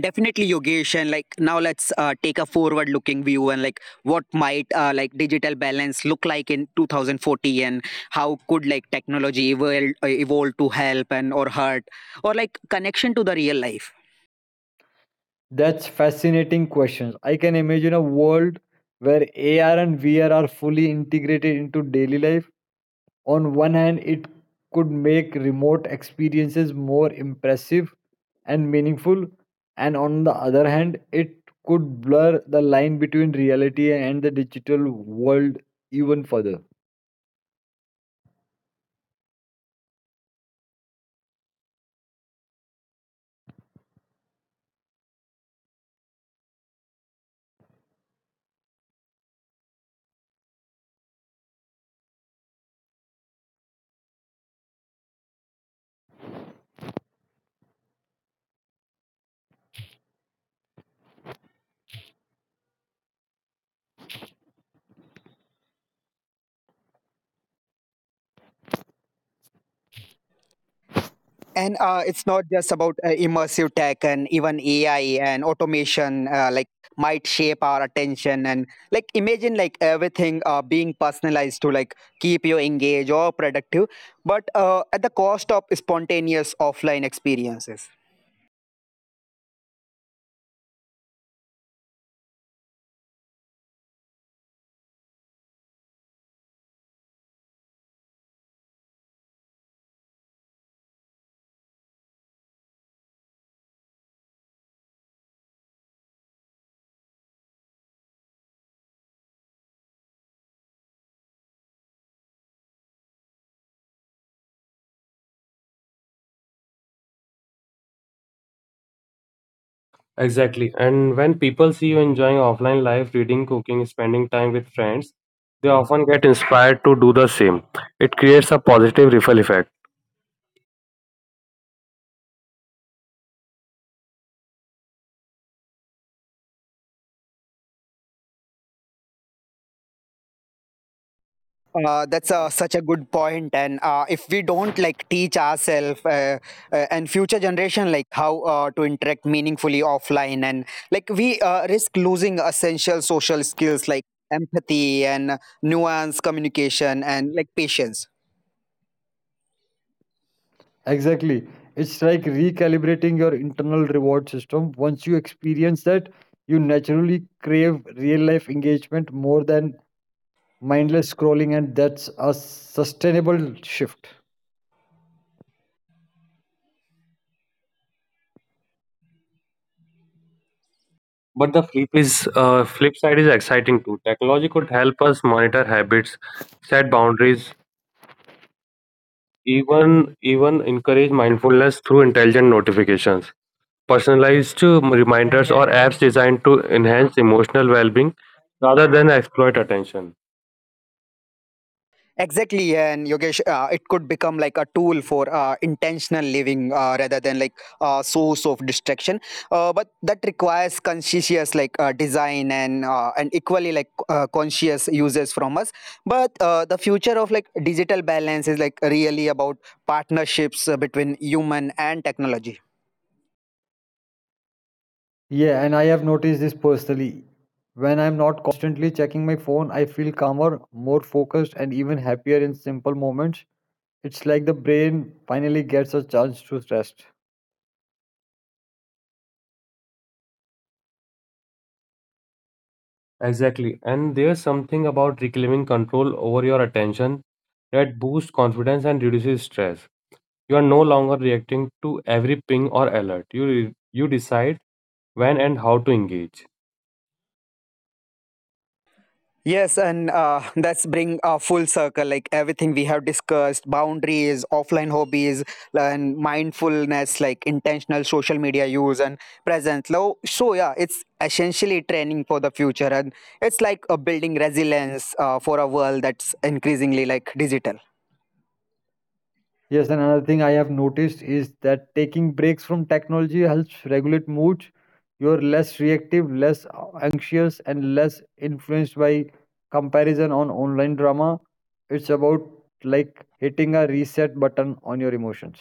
Definitely, Yogesh, and like now let's uh, take a forward-looking view and like what might uh, like digital balance look like in two thousand forty, and how could like technology evolve, evolve to help and or hurt or like connection to the real life. That's fascinating questions. I can imagine a world where A R and V R are fully integrated into daily life. On one hand, it could make remote experiences more impressive and meaningful, and on the other hand, it could blur the line between reality and the digital world even further. And uh, it's not just about uh, immersive tech and even A I and automation, uh, like might shape our attention, and like imagine like everything uh, being personalized to like keep you engaged or productive, but uh, at the cost of spontaneous offline experiences. Exactly. And when people see you enjoying offline life, reading, cooking, spending time with friends, they often get inspired to do the same. It creates a positive ripple effect. Uh, that's uh, such a good point, and uh, if we don't like teach ourselves uh, uh, and future generation like how uh, to interact meaningfully offline, and like we uh, risk losing essential social skills like empathy and nuance communication and like patience. Exactly. It's like recalibrating your internal reward system. Once you experience that, you naturally crave real life engagement more than mindless scrolling, and that's a sustainable shift. But the flip is uh, flip side is exciting too. Technology could help us monitor habits, set boundaries, even even encourage mindfulness through intelligent notifications, personalized uh, reminders, or apps designed to enhance emotional well-being rather than exploit attention. Exactly, and Yogesh, uh, it could become like a tool for uh, intentional living uh, rather than like a source of distraction. Uh, but that requires conscientious like uh, design and uh, and equally like uh, conscious users from us. But uh, the future of like digital balance is like really about partnerships uh, between human and technology. Yeah, and I have noticed this personally. When I'm not constantly checking my phone, I feel calmer, more focused, and even happier in simple moments. It's like the brain finally gets a chance to rest. Exactly. And there's something about reclaiming control over your attention that boosts confidence and reduces stress. You are no longer reacting to every ping or alert. You you decide when and how to engage. Yes, and uh, that's bring a full circle. Like everything we have discussed: boundaries, offline hobbies, and mindfulness, like intentional social media use and presence. Lo- So yeah, it's essentially training for the future, and it's like a building resilience uh, for a world that's increasingly like digital. Yes, and another thing I have noticed is that taking breaks from technology helps regulate moods. You're less reactive, less anxious, and less influenced by comparison on online drama. It's about like hitting a reset button on your emotions.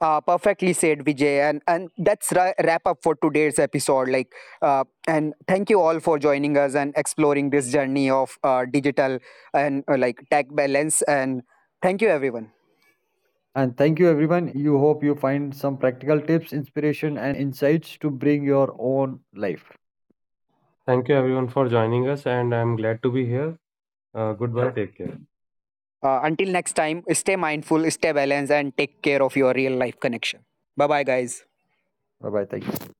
Uh, perfectly said, Vijay, and and that's ra- wrap up for today's episode. Like, uh, and Thank you all for joining us and exploring this journey of uh, digital and uh, like tech balance. And thank you, everyone. And thank you, everyone. You hope you find some practical tips, inspiration, and insights to bring your own life. Thank you everyone for joining us and I'm glad to be here. Uh, goodbye. Take care. Uh, until next time, stay mindful, stay balanced, and take care of your real life connection. Bye, bye, guys. Bye bye. Thank you.